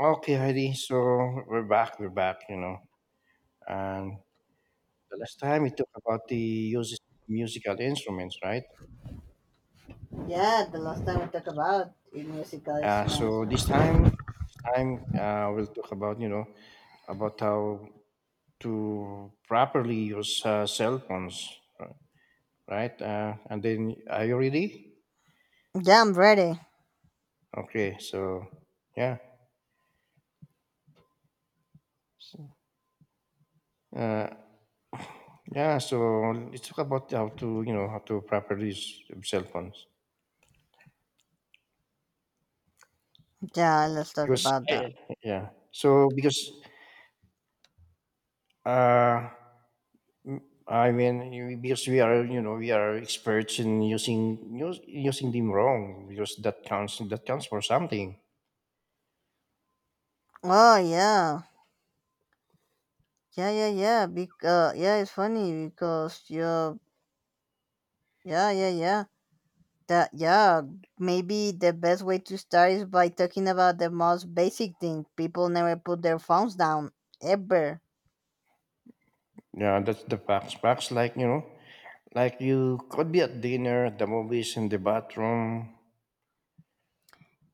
Okay, Heidi. So we're back. We're back. And the last time we talked about the uses of musical instruments, right? Yeah, the last time we talked about in musical Uh, instruments. so this time, we'll talk about about how to properly use cell phones, right? And then, are you ready? Yeah, I'm ready. Okay. So yeah, So, uh, yeah. So let's talk about how to how to properly use cell phones Yeah, let's talk because about that. I, yeah. Uh, I mean, because we are, you know, we are experts in using using them wrong because that counts for something. Oh yeah. Because it's funny because you yeah, yeah, yeah. That yeah, maybe the best way to start is by talking about the most basic thing. People never put their phones down ever. Yeah, that's the facts. Facts like you could be at dinner, at the movies, in the bathroom.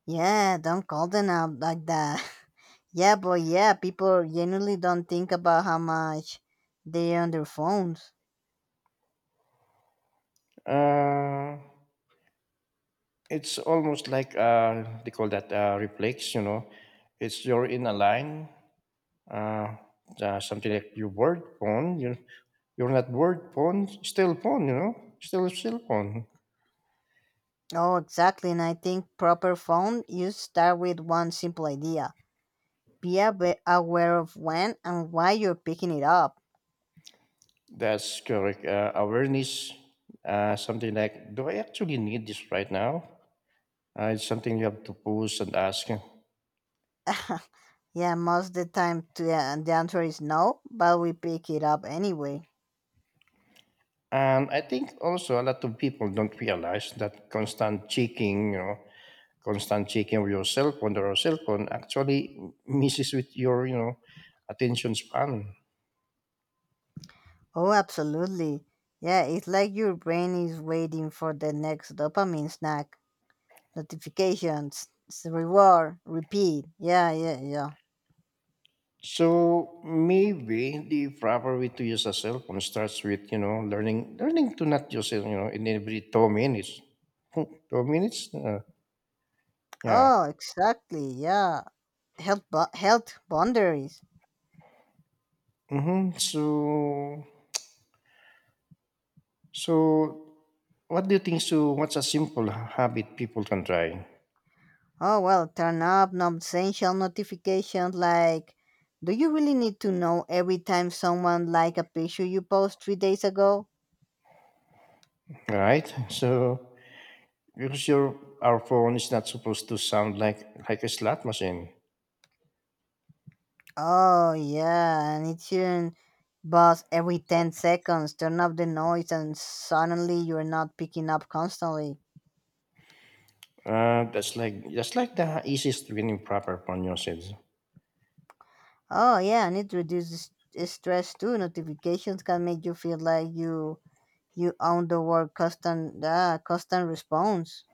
Yeah, don't call them out like that. yeah, but yeah, people generally don't think about how much they're on their phones. Uh, it's almost like they call that reflex. You know, it's you're in a line. Uh, Something like your word phone. You're not word phone, still phone. You know, still phone. Oh, exactly. And I think proper phone use start with one simple idea. Be aware of when and why you're picking it up. That's correct. Awareness, something like, do I actually need this right now? It's something you have to pose and ask. yeah, most of the time the answer is no, but we pick it up anyway. And I think also a lot of people don't realize that constant checking, you know, constant checking of your cell phone or your cell phone actually messes with your, you know, attention span. Oh, absolutely. Yeah, it's like your brain is waiting for the next dopamine snack. Notifications, reward, repeat. Yeah. So maybe the proper way to use a cell phone starts with, you know, learning to not use it, you know, in every 2 minutes. 2 minutes? Yeah. Oh, exactly. Yeah. Health, health boundaries. Mm-hmm. So, what do you think? So, what's a simple habit people can try? Oh, well, turn up non-essential notifications like, do you really need to know every time someone like a picture you post 3 days ago? Right. So, because your our phone is not supposed to sound like a slot machine. Oh, yeah, and it shouldn't buzz every 10 seconds. Turn up the noise and suddenly you're not picking up constantly. That's like that's like the easiest winning proper phone usage. Oh, yeah, and it reduces stress too. Notifications can make you feel like you own the world custom, custom response.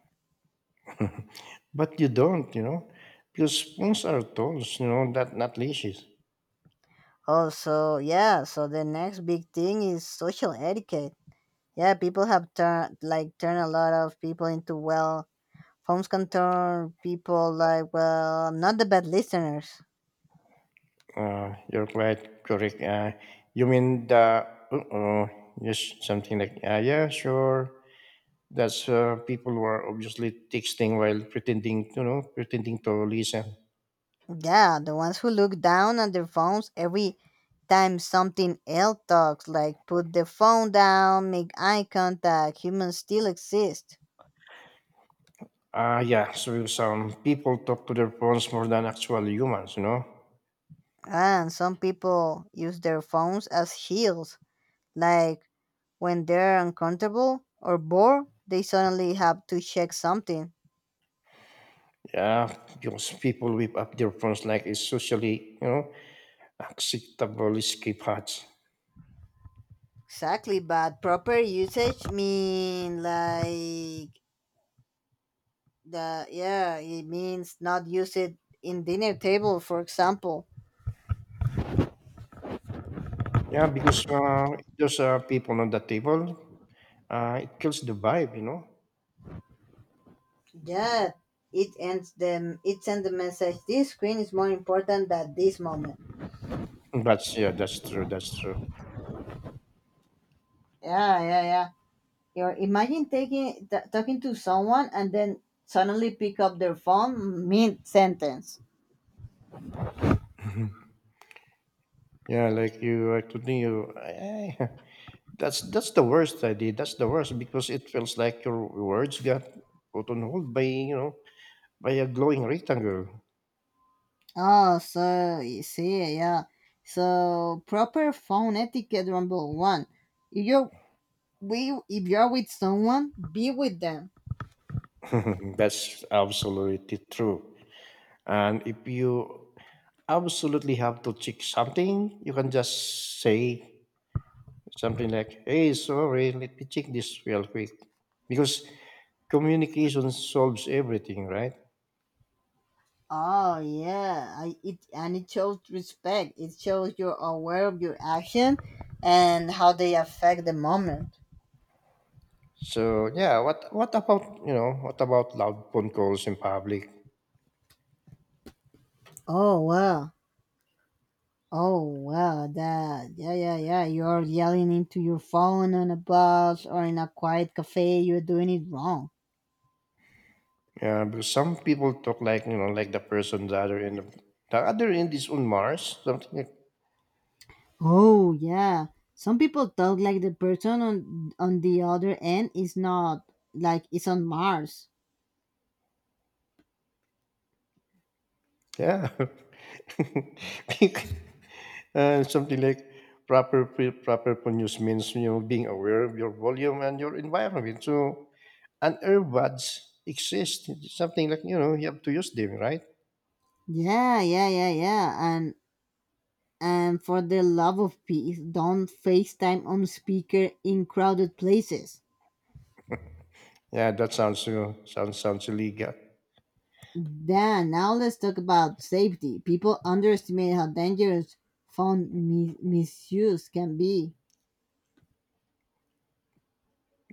But you don't, you know, because phones are tools, you know, that not leashes. Oh, so yeah, so the next big thing is social etiquette. Yeah, people have turned a lot of people into well, phones can turn people like well, not the bad listeners. You're quite correct. You mean the uh-oh, just something like yeah, sure. That's People who are obviously texting while pretending, you know, pretending to listen. Yeah, the ones who look down at their phones every time something else talks, like put the phone down, make eye contact. Humans still exist, Ah, yeah. So some people talk to their phones more than actual humans, you know. and some people use their phones as shields, like when they're uncomfortable or bored, they suddenly have to check something. Yeah, because people whip up their phones like it's socially, you know, acceptable escape hatch. Exactly, but proper usage mean like the yeah, it means not use it in dinner table, for example. Yeah, because there's people on the table, it kills the vibe, you know. Yeah, it ends them. It sends the message. This screen is more important than this moment. That's yeah, that's true. That's true. Yeah. You imagine talking to someone and then suddenly pick up their phone mid sentence. yeah, like you, I told you. I, That's the worst idea. That's the worst because it feels like your words got put on hold by you know by a glowing rectangle. Oh, so you see, yeah. So proper phone etiquette number one. If you're we if you're with someone, be with them. That's absolutely true. And if you absolutely have to check something, you can just say something like, "Hey, sorry, let me check this real quick," because communication solves everything, right? Oh yeah, it and it shows respect. It shows you're aware of your action and how they affect the moment. So yeah, what about what about loud phone calls in public? Oh wow. Oh wow, that yeah. You're yelling into your phone on a bus or in a quiet cafe. You're doing it wrong. Yeah, because some people talk like you know, like the other end is on Mars, something like Oh yeah. Some people talk like the person on the other end is not like it's on Mars. yeah, something like proper pronouns means you know being aware of your volume and your environment. So and earbuds exist. It's something like you know you have to use them, right? Yeah. And and for the love of peace, don't FaceTime on speaker in crowded places. Yeah, that sounds you know, sounds illegal. Then now let's talk about safety. People underestimate how dangerous phone misuse can be.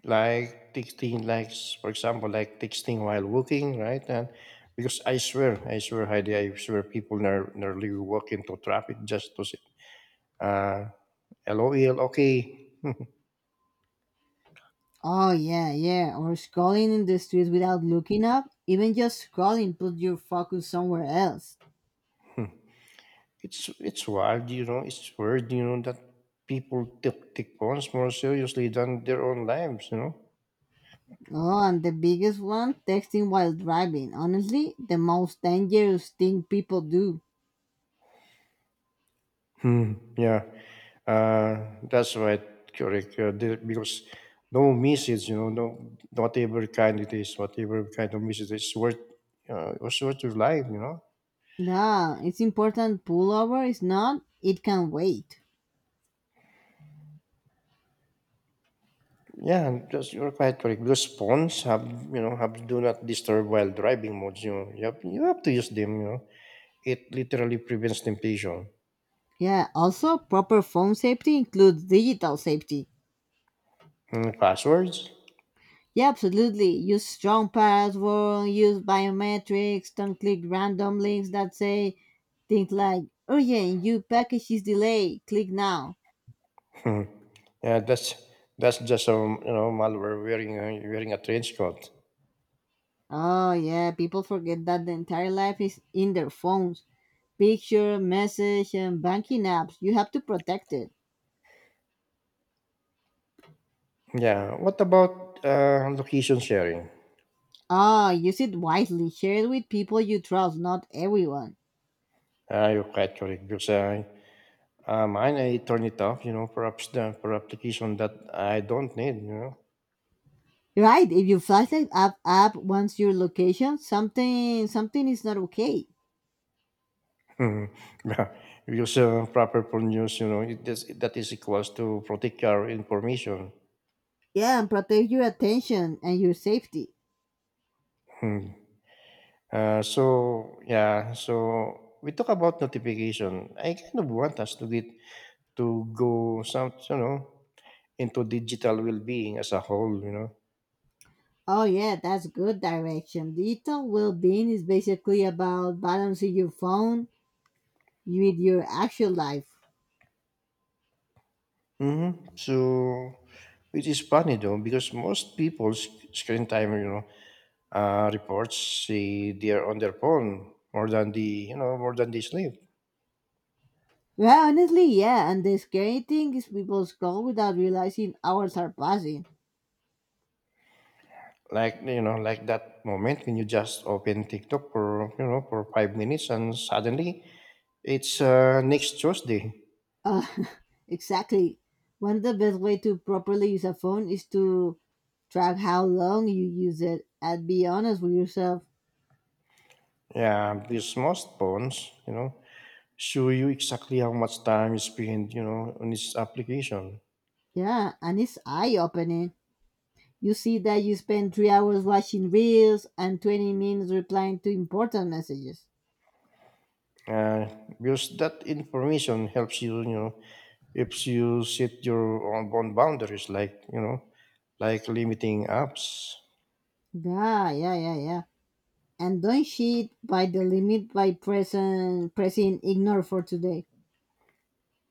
Like texting like for example like texting while walking, right? And because I swear, Heidi, I swear people nearly walk into traffic just to say uh lol, okay. Oh yeah, yeah. Or scrolling in the streets without looking up. Even just scrolling put your focus somewhere else. Hmm. It's wild, you know, it's weird, you know, that take phones more seriously than their own lives, you know. Oh, and the biggest one, texting while driving. Honestly, the most dangerous thing people do. Hmm, yeah, uh, that's right, correct. Because no message, you know, no whatever kind it is, whatever kind of message, it's worth your life, you know. Yeah, it's important pullover is not, it can wait. Yeah, and that's, you're quite correct. Because phones have, you know, have do not disturb while driving modes. You know, you have to use them. You know, it literally prevents temptation. Yeah, also proper phone safety includes digital safety. Hmm, passwords. Yeah, absolutely. Use strong password, use biometrics, don't click random links that say things like urgent, your package is delayed, click now. Hmm. Yeah, that's just a you know malware wearing a, wearing a trench coat. Oh yeah, people forget that the entire life is in their phones. Picture, message, and banking apps. You have to protect it. Yeah. What about location sharing? Ah, use it wisely. Share it with people you trust, not everyone. You're quite correct because mine I turn it off. You know, perhaps the for application that I don't need. You Right, if your flashlight app wants your location, something is not okay. know, yeah, because proper for news. You know, it is, that is equals to protect your information. Yeah, and protect your attention and your safety. Hmm. So yeah, so we talk about notification. I kind of want us to get to go some into digital well-being as a whole. You know. Oh yeah, that's good direction. Digital well-being is basically about balancing your phone with your actual life. Hmm. So it is funny though because most people's screen time, you know, reports say they're on their phone more than the more than they sleep. Well, honestly, yeah, and the scary thing is people scroll without realizing hours are passing. Like you know, like that moment when you just open TikTok for you know for 5 minutes and suddenly it's next Tuesday. Uh, exactly. One of the best way to properly use a phone is to track how long you use it and be honest with yourself. Yeah, because most phones, you know, show you exactly how much time you spend, you know, on this application. Yeah, and it's eye opening. You see that you spend 3 hours watching reels and 20 minutes replying to important messages. Uh, because that information helps you, you know, if you set your own boundaries, like you know, like limiting apps. Yeah. And don't cheat by the limit by pressing ignore for today.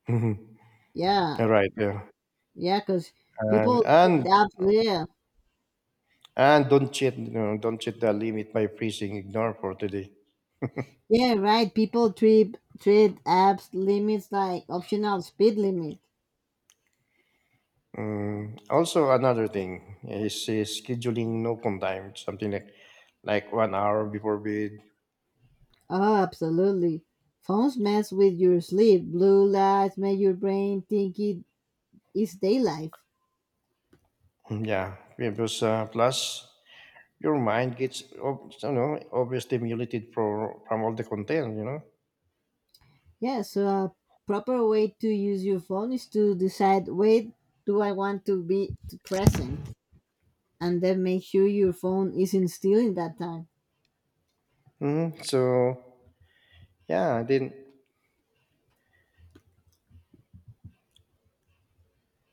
Mhm. Yeah, Right. Yeah. yeah, because And people and treat apps, yeah. and don't cheat. You know, don't cheat the limit by pressing ignore for today. Yeah, right. People trip trade apps limits like optional speed limit. Mm, also, another thing is scheduling no phone time, something like 1 hour before bed. Oh, absolutely. Phones mess with your sleep. Blue lights make your brain think it is daylight. Mm, yeah, because plus your mind gets you know overstimulated for from all the content, you know. Yeah, so a proper way to use your phone is to decide wait, do I want to be present, and then make sure your phone isn't still in that time. Hmm. So yeah, then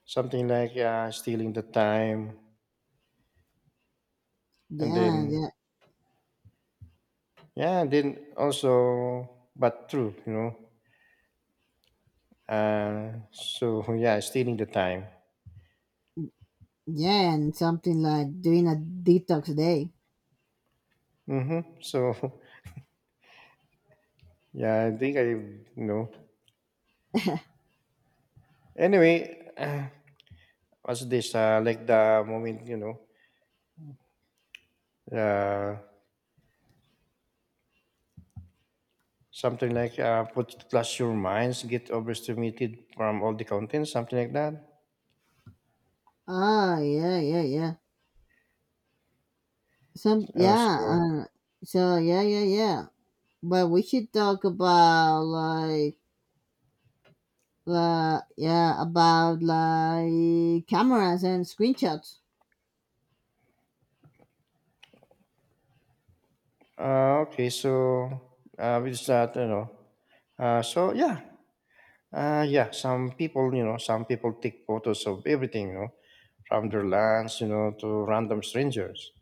Something like, stealing the time and Yeah, then yeah, yeah, then also but true, you know. Yeah, stealing the time. yeah, and something like doing a detox day. Mhm. So yeah, I think I you know. Anyway, what's this? Like the moment, you know, uh, something like put plus your minds get overstimulated from all the content, something like that. Oh, Some Uh, yeah, so uh, yeah. But we should talk about like yeah, about like cameras and screenshots. Okay, so with that, you know. Uh, so yeah, yeah, some people, you know, some people take photos of everything, you know, from their lands, you know, to random strangers.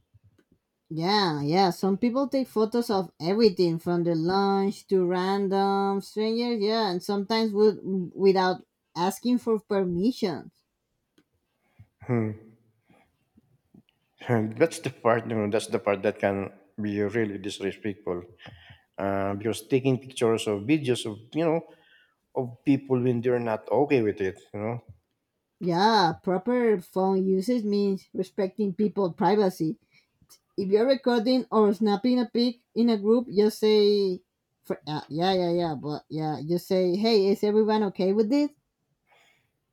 Yeah. Some people take photos of everything from the lunch to random strangers. Yeah, and sometimes without asking for permission. Hmm. That's the part, you know, that's the part that can be really disrespectful. Because taking pictures or videos of, you know, of people when they're not okay with it, you know. Yeah, proper phone usage means respecting people's privacy. If you're recording or snapping a pic in a group, just say, for, yeah, yeah, yeah, but yeah, just say, hey, is everyone okay with this?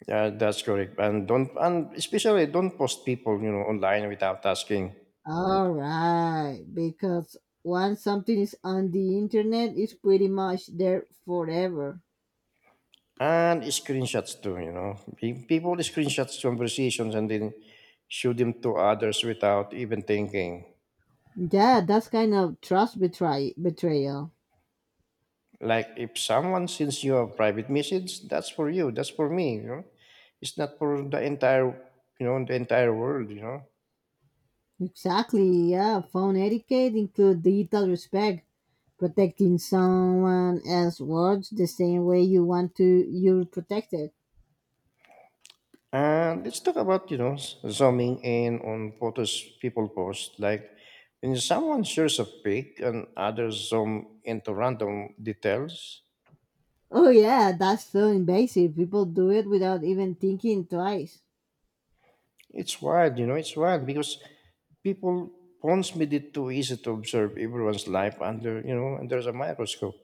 Yeah, that's correct. And don't, and especially don't post people, you know, online without asking. All right, because once something is on the internet, it's pretty much there forever. And screenshots too, you know. People screenshots conversations and then show them to others without even thinking. Yeah, that's kind of betrayal. Like if someone sends you a private message, that's for you. That's for me, you know. It's not for the entire, you know, the entire world, you know. Exactly, yeah. Phone etiquette includes digital respect, protecting someone else's words the same way you want to you're protected. And let's talk about, you know, zooming in on photos people post. Like when someone shares a pic and others zoom into random details, Oh yeah, that's so invasive. People do it without even thinking twice. it's wild, you know, it's wild because people phones made it too easy to observe everyone's life under you know under a microscope.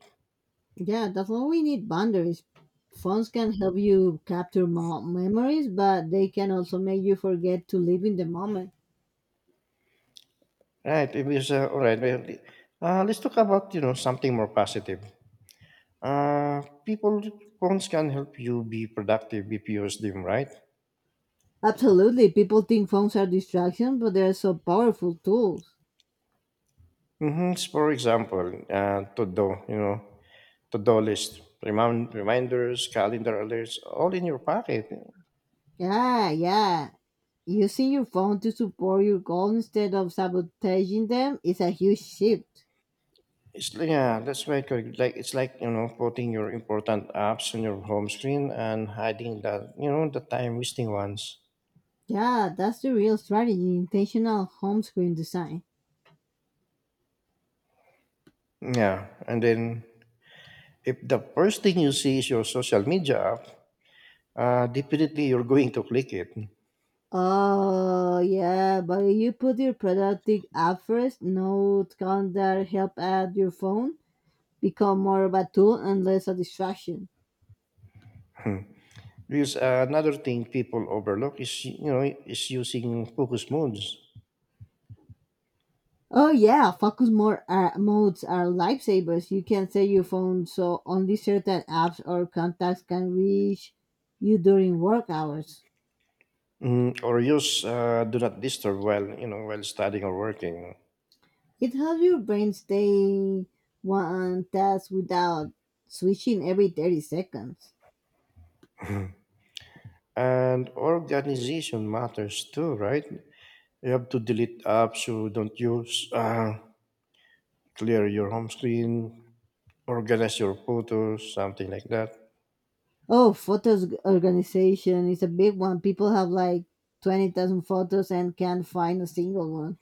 Yeah, that's why we need boundaries. Phones can help you capture memories, but they can also make you forget to live in the moment. Right it was All right, well, let's talk about you know something more positive. People Phones can help you be productive if you use them right. Absolutely, people think phones are distractions, but they're so powerful tools. Mm-hmm. For example to do you know to do list, reminders, calendar alerts, all in your pocket. Yeah, yeah. Using your phone to support your goal instead of sabotaging them is a huge shift. It's yeah, that's right, correct. Like it's like you know putting your important apps on your home screen and hiding the the time wasting ones. Yeah, that's the real strategy intentional home screen design. Yeah, and then if the first thing you see is your social media app, definitely you're going to click it. Oh yeah, but if you put your productive app first, note, calendar, help at your phone, become more of a tool and less a distraction. Hmm. Because another thing people overlook is you know is using focus modes. Oh yeah, focus more modes are lifesavers. You can set your phone so only certain apps or contacts can reach you during work hours. Mm, or use do not disturb while you know while studying or working. It helps your brain stay one task without switching every 30 seconds. And organization matters too, right? You have to delete apps you don't use, clear your home screen, organize your photos, something like that. Oh, photos organization is a big one. People have like 20,000 photos and can't find a single one.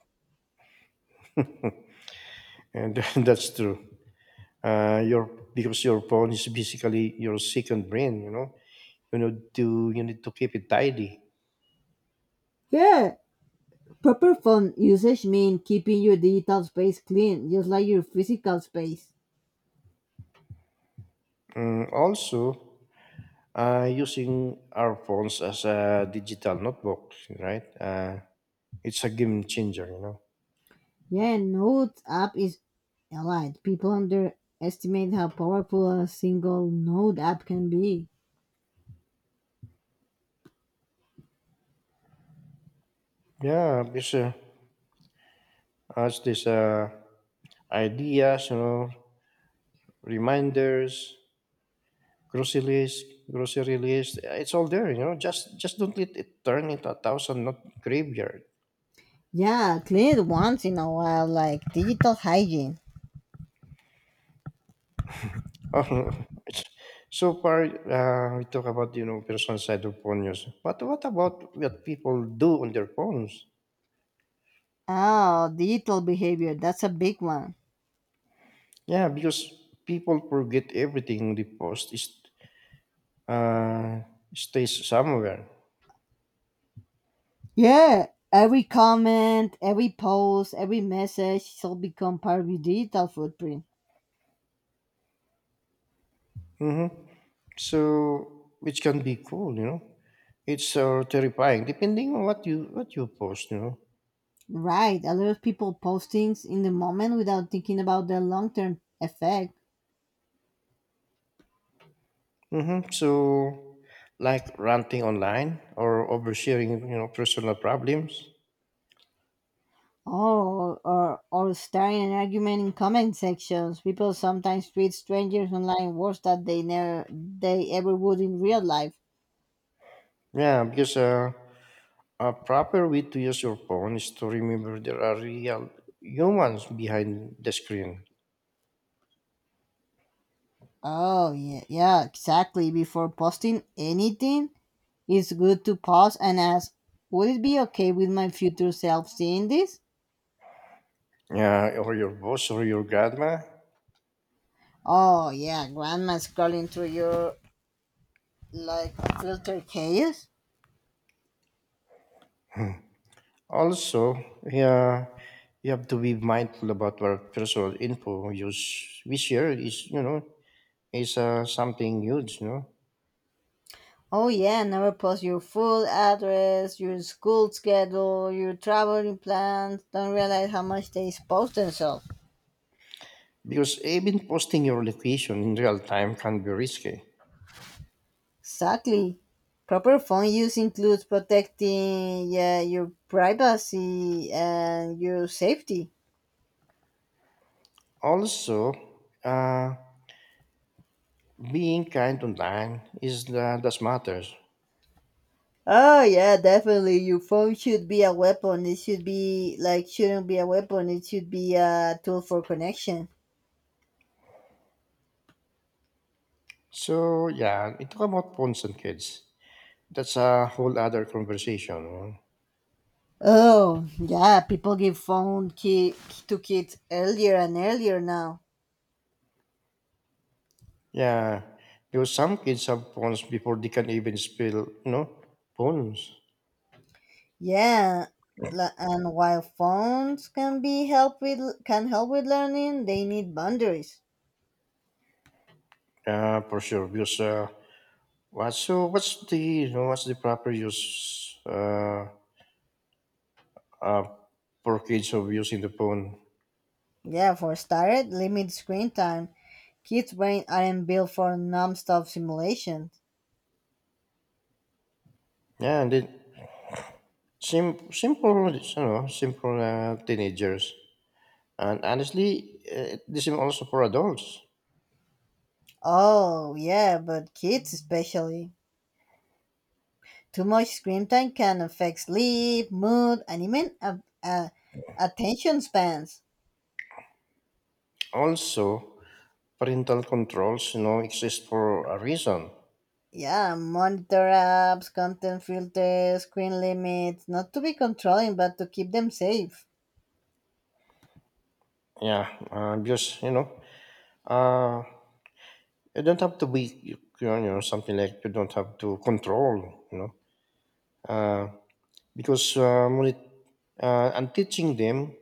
And that's true. Your Because your phone is basically your second brain. You know, you need to keep it tidy. Yeah, proper phone usage means keeping your digital space clean, just like your physical space. Mm, also, using our phones as a digital notebook, right? It's a game changer. You know. Yeah, Notes app is allied. People underestimate how powerful a single Node app can be. Yeah, because as this ideas, you know, reminders, grocery list, grocery list. It's all there, you know. Just don't let it turn into a thousand not graveyard. Yeah, clean it once in a while, like digital hygiene. Oh, so far, we talk about you know personal side of phone use. But what about what people do on their phones? Oh, digital behavior, that's a big one. Yeah, because people forget everything they post is uh, stays somewhere. Yeah, every comment, every post, every message is all become part of your digital footprint. Hmm. So which can be cool, you know. It's terrifying depending on what you post, you know. Right, a lot of people post things in the moment without thinking about the long term effect. Mm-hmm. So, like ranting online or oversharing, you know, personal problems. Oh, or starting an argument in comment sections. People sometimes treat strangers online worse than they never they ever would in real life. Yeah, because a proper way to use your phone is to remember there are real humans behind the screen. Oh yeah, yeah, exactly. Before posting anything, it's good to pause and ask, would it be okay with my future self seeing this? Yeah, or your boss or your grandma. Oh yeah, grandma scrolling through your like filter case. Also, yeah, you have to be mindful about our personal info use. We share is, you know, is something huge, you know, Oh yeah, never post your full address, your school schedule, your traveling plans. Don't realize how much they expose themselves. because even posting your location in real time can be risky. Exactly. Proper phone use includes protecting yeah your privacy and your safety. Also uh, being kind online is the, that matters. Oh yeah, definitely. Your phone should be a weapon. It should be like shouldn't be a weapon. It should be a tool for connection. So yeah, and talk about phones and kids, that's a whole other conversation, you know. Oh, yeah, people give to kids earlier and earlier now. Yeah, because some kids have phones before they can even spell, you know phones. Yeah, and while phones can help with learning, they need boundaries. Yeah, for sure. Because what so what's the what's the proper use uh, for kids of using the phone? Yeah, for started, limit screen time. Kids' brain aren't built for non-stop simulation. Yeah, and then simple, simple teenagers. And honestly, this is also for adults. Oh, yeah, but kids especially. Too much screen time can affect sleep, mood, and even attention spans. Also, parental controls, you know, exist for a reason. Yeah, monitor apps, content filters, screen limits, not to be controlling, but to keep them safe. Yeah, because uh, you don't have to be, you know, something like you don't have to control, uh, because and teaching them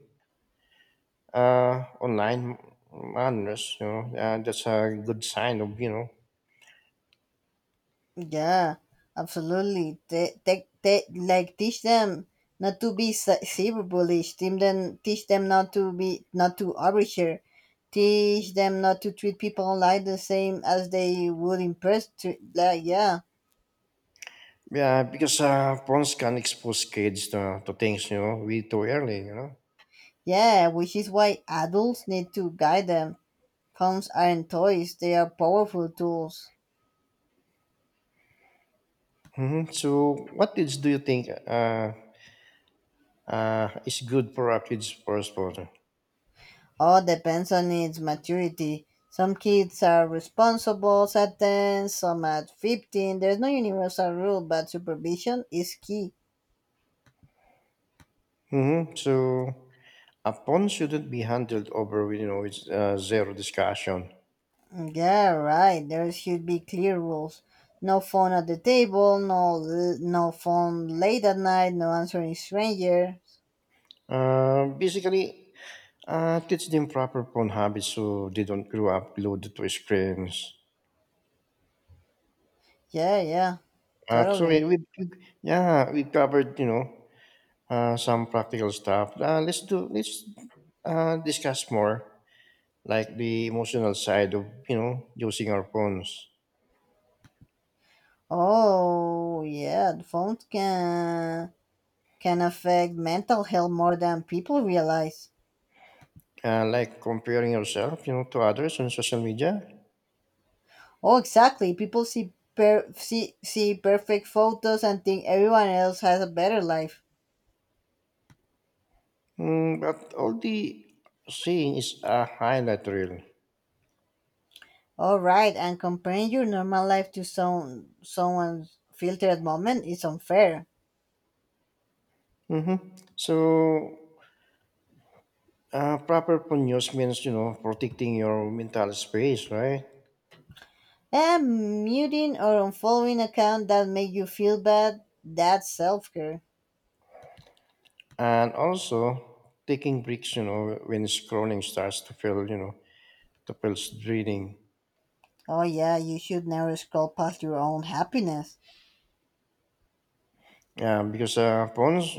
online manners, you know, that's a good sign of, you know, Yeah, absolutely. Teach them not to be cyberbullish. Teach them not to overshare. Teach them not to treat people online the same as they would in person. Yeah, yeah. Because phones can expose kids to things, you know, way too early, yeah, which is why adults need to guide them. Phones aren't toys; they are powerful tools. hmm. So, what age do you think is good for a kid's first photo? All depends on its maturity. Some kids are responsible at 10, some at 15. There's no universal rule, but supervision is key. Hmm. So, a pawn shouldn't be handled over with, with zero discussion. Yeah, right. There should be clear rules. No phone at the table, no phone late at night, no answering strangers. Basically, teach them proper pawn habits so they don't grow up glued to screens. Yeah, yeah, So totally. Yeah, we covered, some practical stuff. Let's do let's discuss more like the emotional side of, using our phones. Oh, yeah, the phones can affect mental health more than people realize. Like comparing yourself, you know, to others on social media. Oh, exactly. People see perfect photos and think everyone else has a better life. Mm, but all the seeing is a highlight reel. All right, and comparing your normal life to someone's filtered moment is unfair. Hmm. So proper ponyos means, you know, protecting your mental space, right? And muting or unfollowing account that make you feel bad, that's self care. And also taking breaks, you know, when scrolling starts to to feel draining. Oh yeah, you should never scroll past your own happiness. Yeah, because phones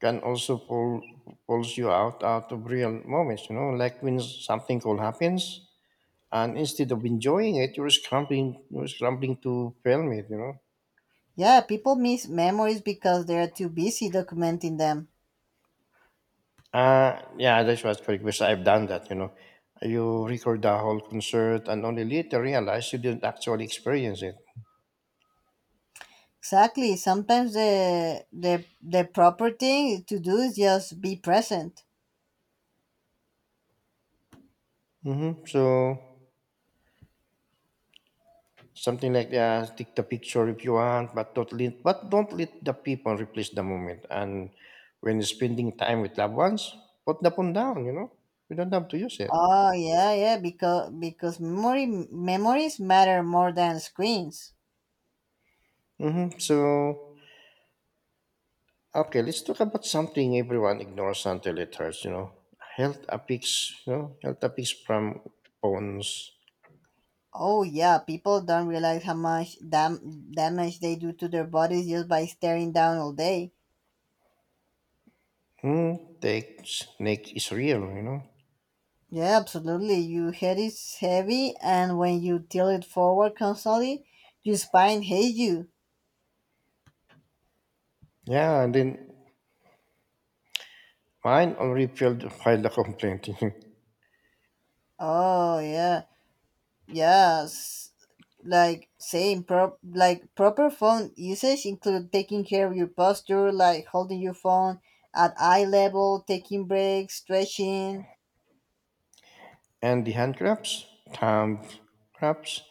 can also pulls you out of real moments, you know, like when something cool happens and instead of enjoying it, you were scrambling to film it, Yeah, people miss memories because they're too busy documenting them. Yeah, that's what's correct, because I've done that, You record the whole concert and only later realize you didn't actually experience it. Exactly. Sometimes the proper thing to do is just be present. Mm-hmm. So something like, yeah, take the picture if you want, but don't let the people replace the moment. And when spending time with loved ones, put the phone down, You don't have to use it. Oh yeah, yeah. Because memory memories matter more than screens. Mm-hmm. So okay, let's talk about something everyone ignores until it hurts, health affects from phones. Oh yeah, people don't realize how much damage they do to their bodies just by staring down all day. Hmm, takes, neck is real, Yeah, absolutely. Your head is heavy, and when you tilt it forward constantly, your spine hates you. Yeah, and then mine already failed filed file a complaint. Oh yeah. Yes, like proper phone usage include taking care of your posture, like holding your phone at eye level, taking breaks, stretching. And the hand cramps, thumb cramps,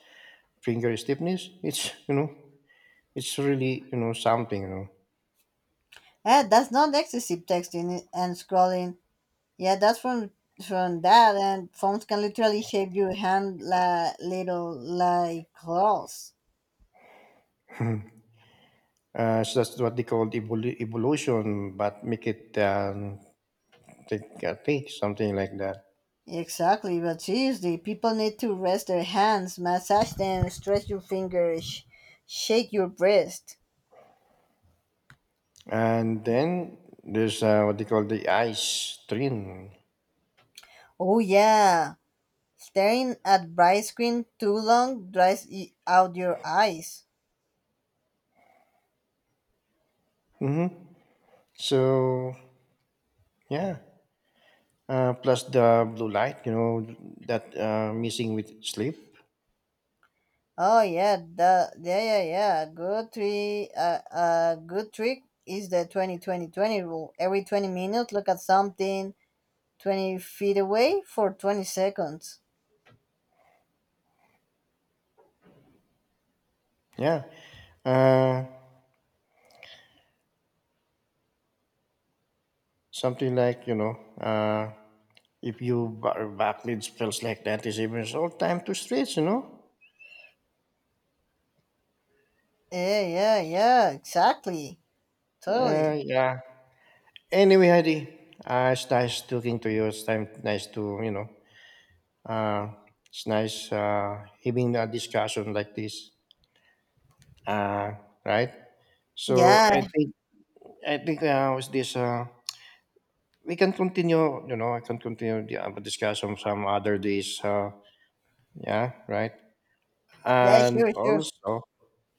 finger stiffness, it's really, you know, something, Yeah, that's not excessive texting and scrolling. Yeah, that's from that, and phones can literally shape your hand like little claws. So that's what they call evolution, but make it take, take something like that. Exactly, but seriously, people need to rest their hands, massage them, stretch your fingers, shake your wrist. And then there's what they call the ice train. Oh yeah, staring at bright screen too long dries out your eyes. Hmm. So yeah, plus the blue light, you know, that missing with sleep. Oh yeah, the yeah. Good trick. Good trick is the 20-20-20 rule. Every 20 minutes, look at something 20 feet away for 20 seconds. Yeah, uh, something like, uh, if you backlit spells like that is even all time to stretch, Yeah. Exactly. Totally. Yeah. Anyway, Heidi, it's nice talking to you. It's time nice to. Uh, it's nice having a discussion like this. Uh, right? So Yeah I think with this we can continue. You know, I can continue the discussion some other days. Yeah, right. yeah, And sure, sure. also,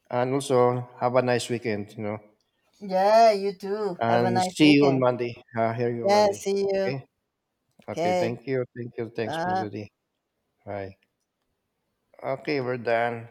and also, have a nice weekend. Yeah, you too. Have a And nice see you on weekend. Monday. Hear you on Yeah, Monday. see you. Okay. Okay. Okay, Thank you. Thank you. Thanks for bye. the day. Bye. Okay, we're done.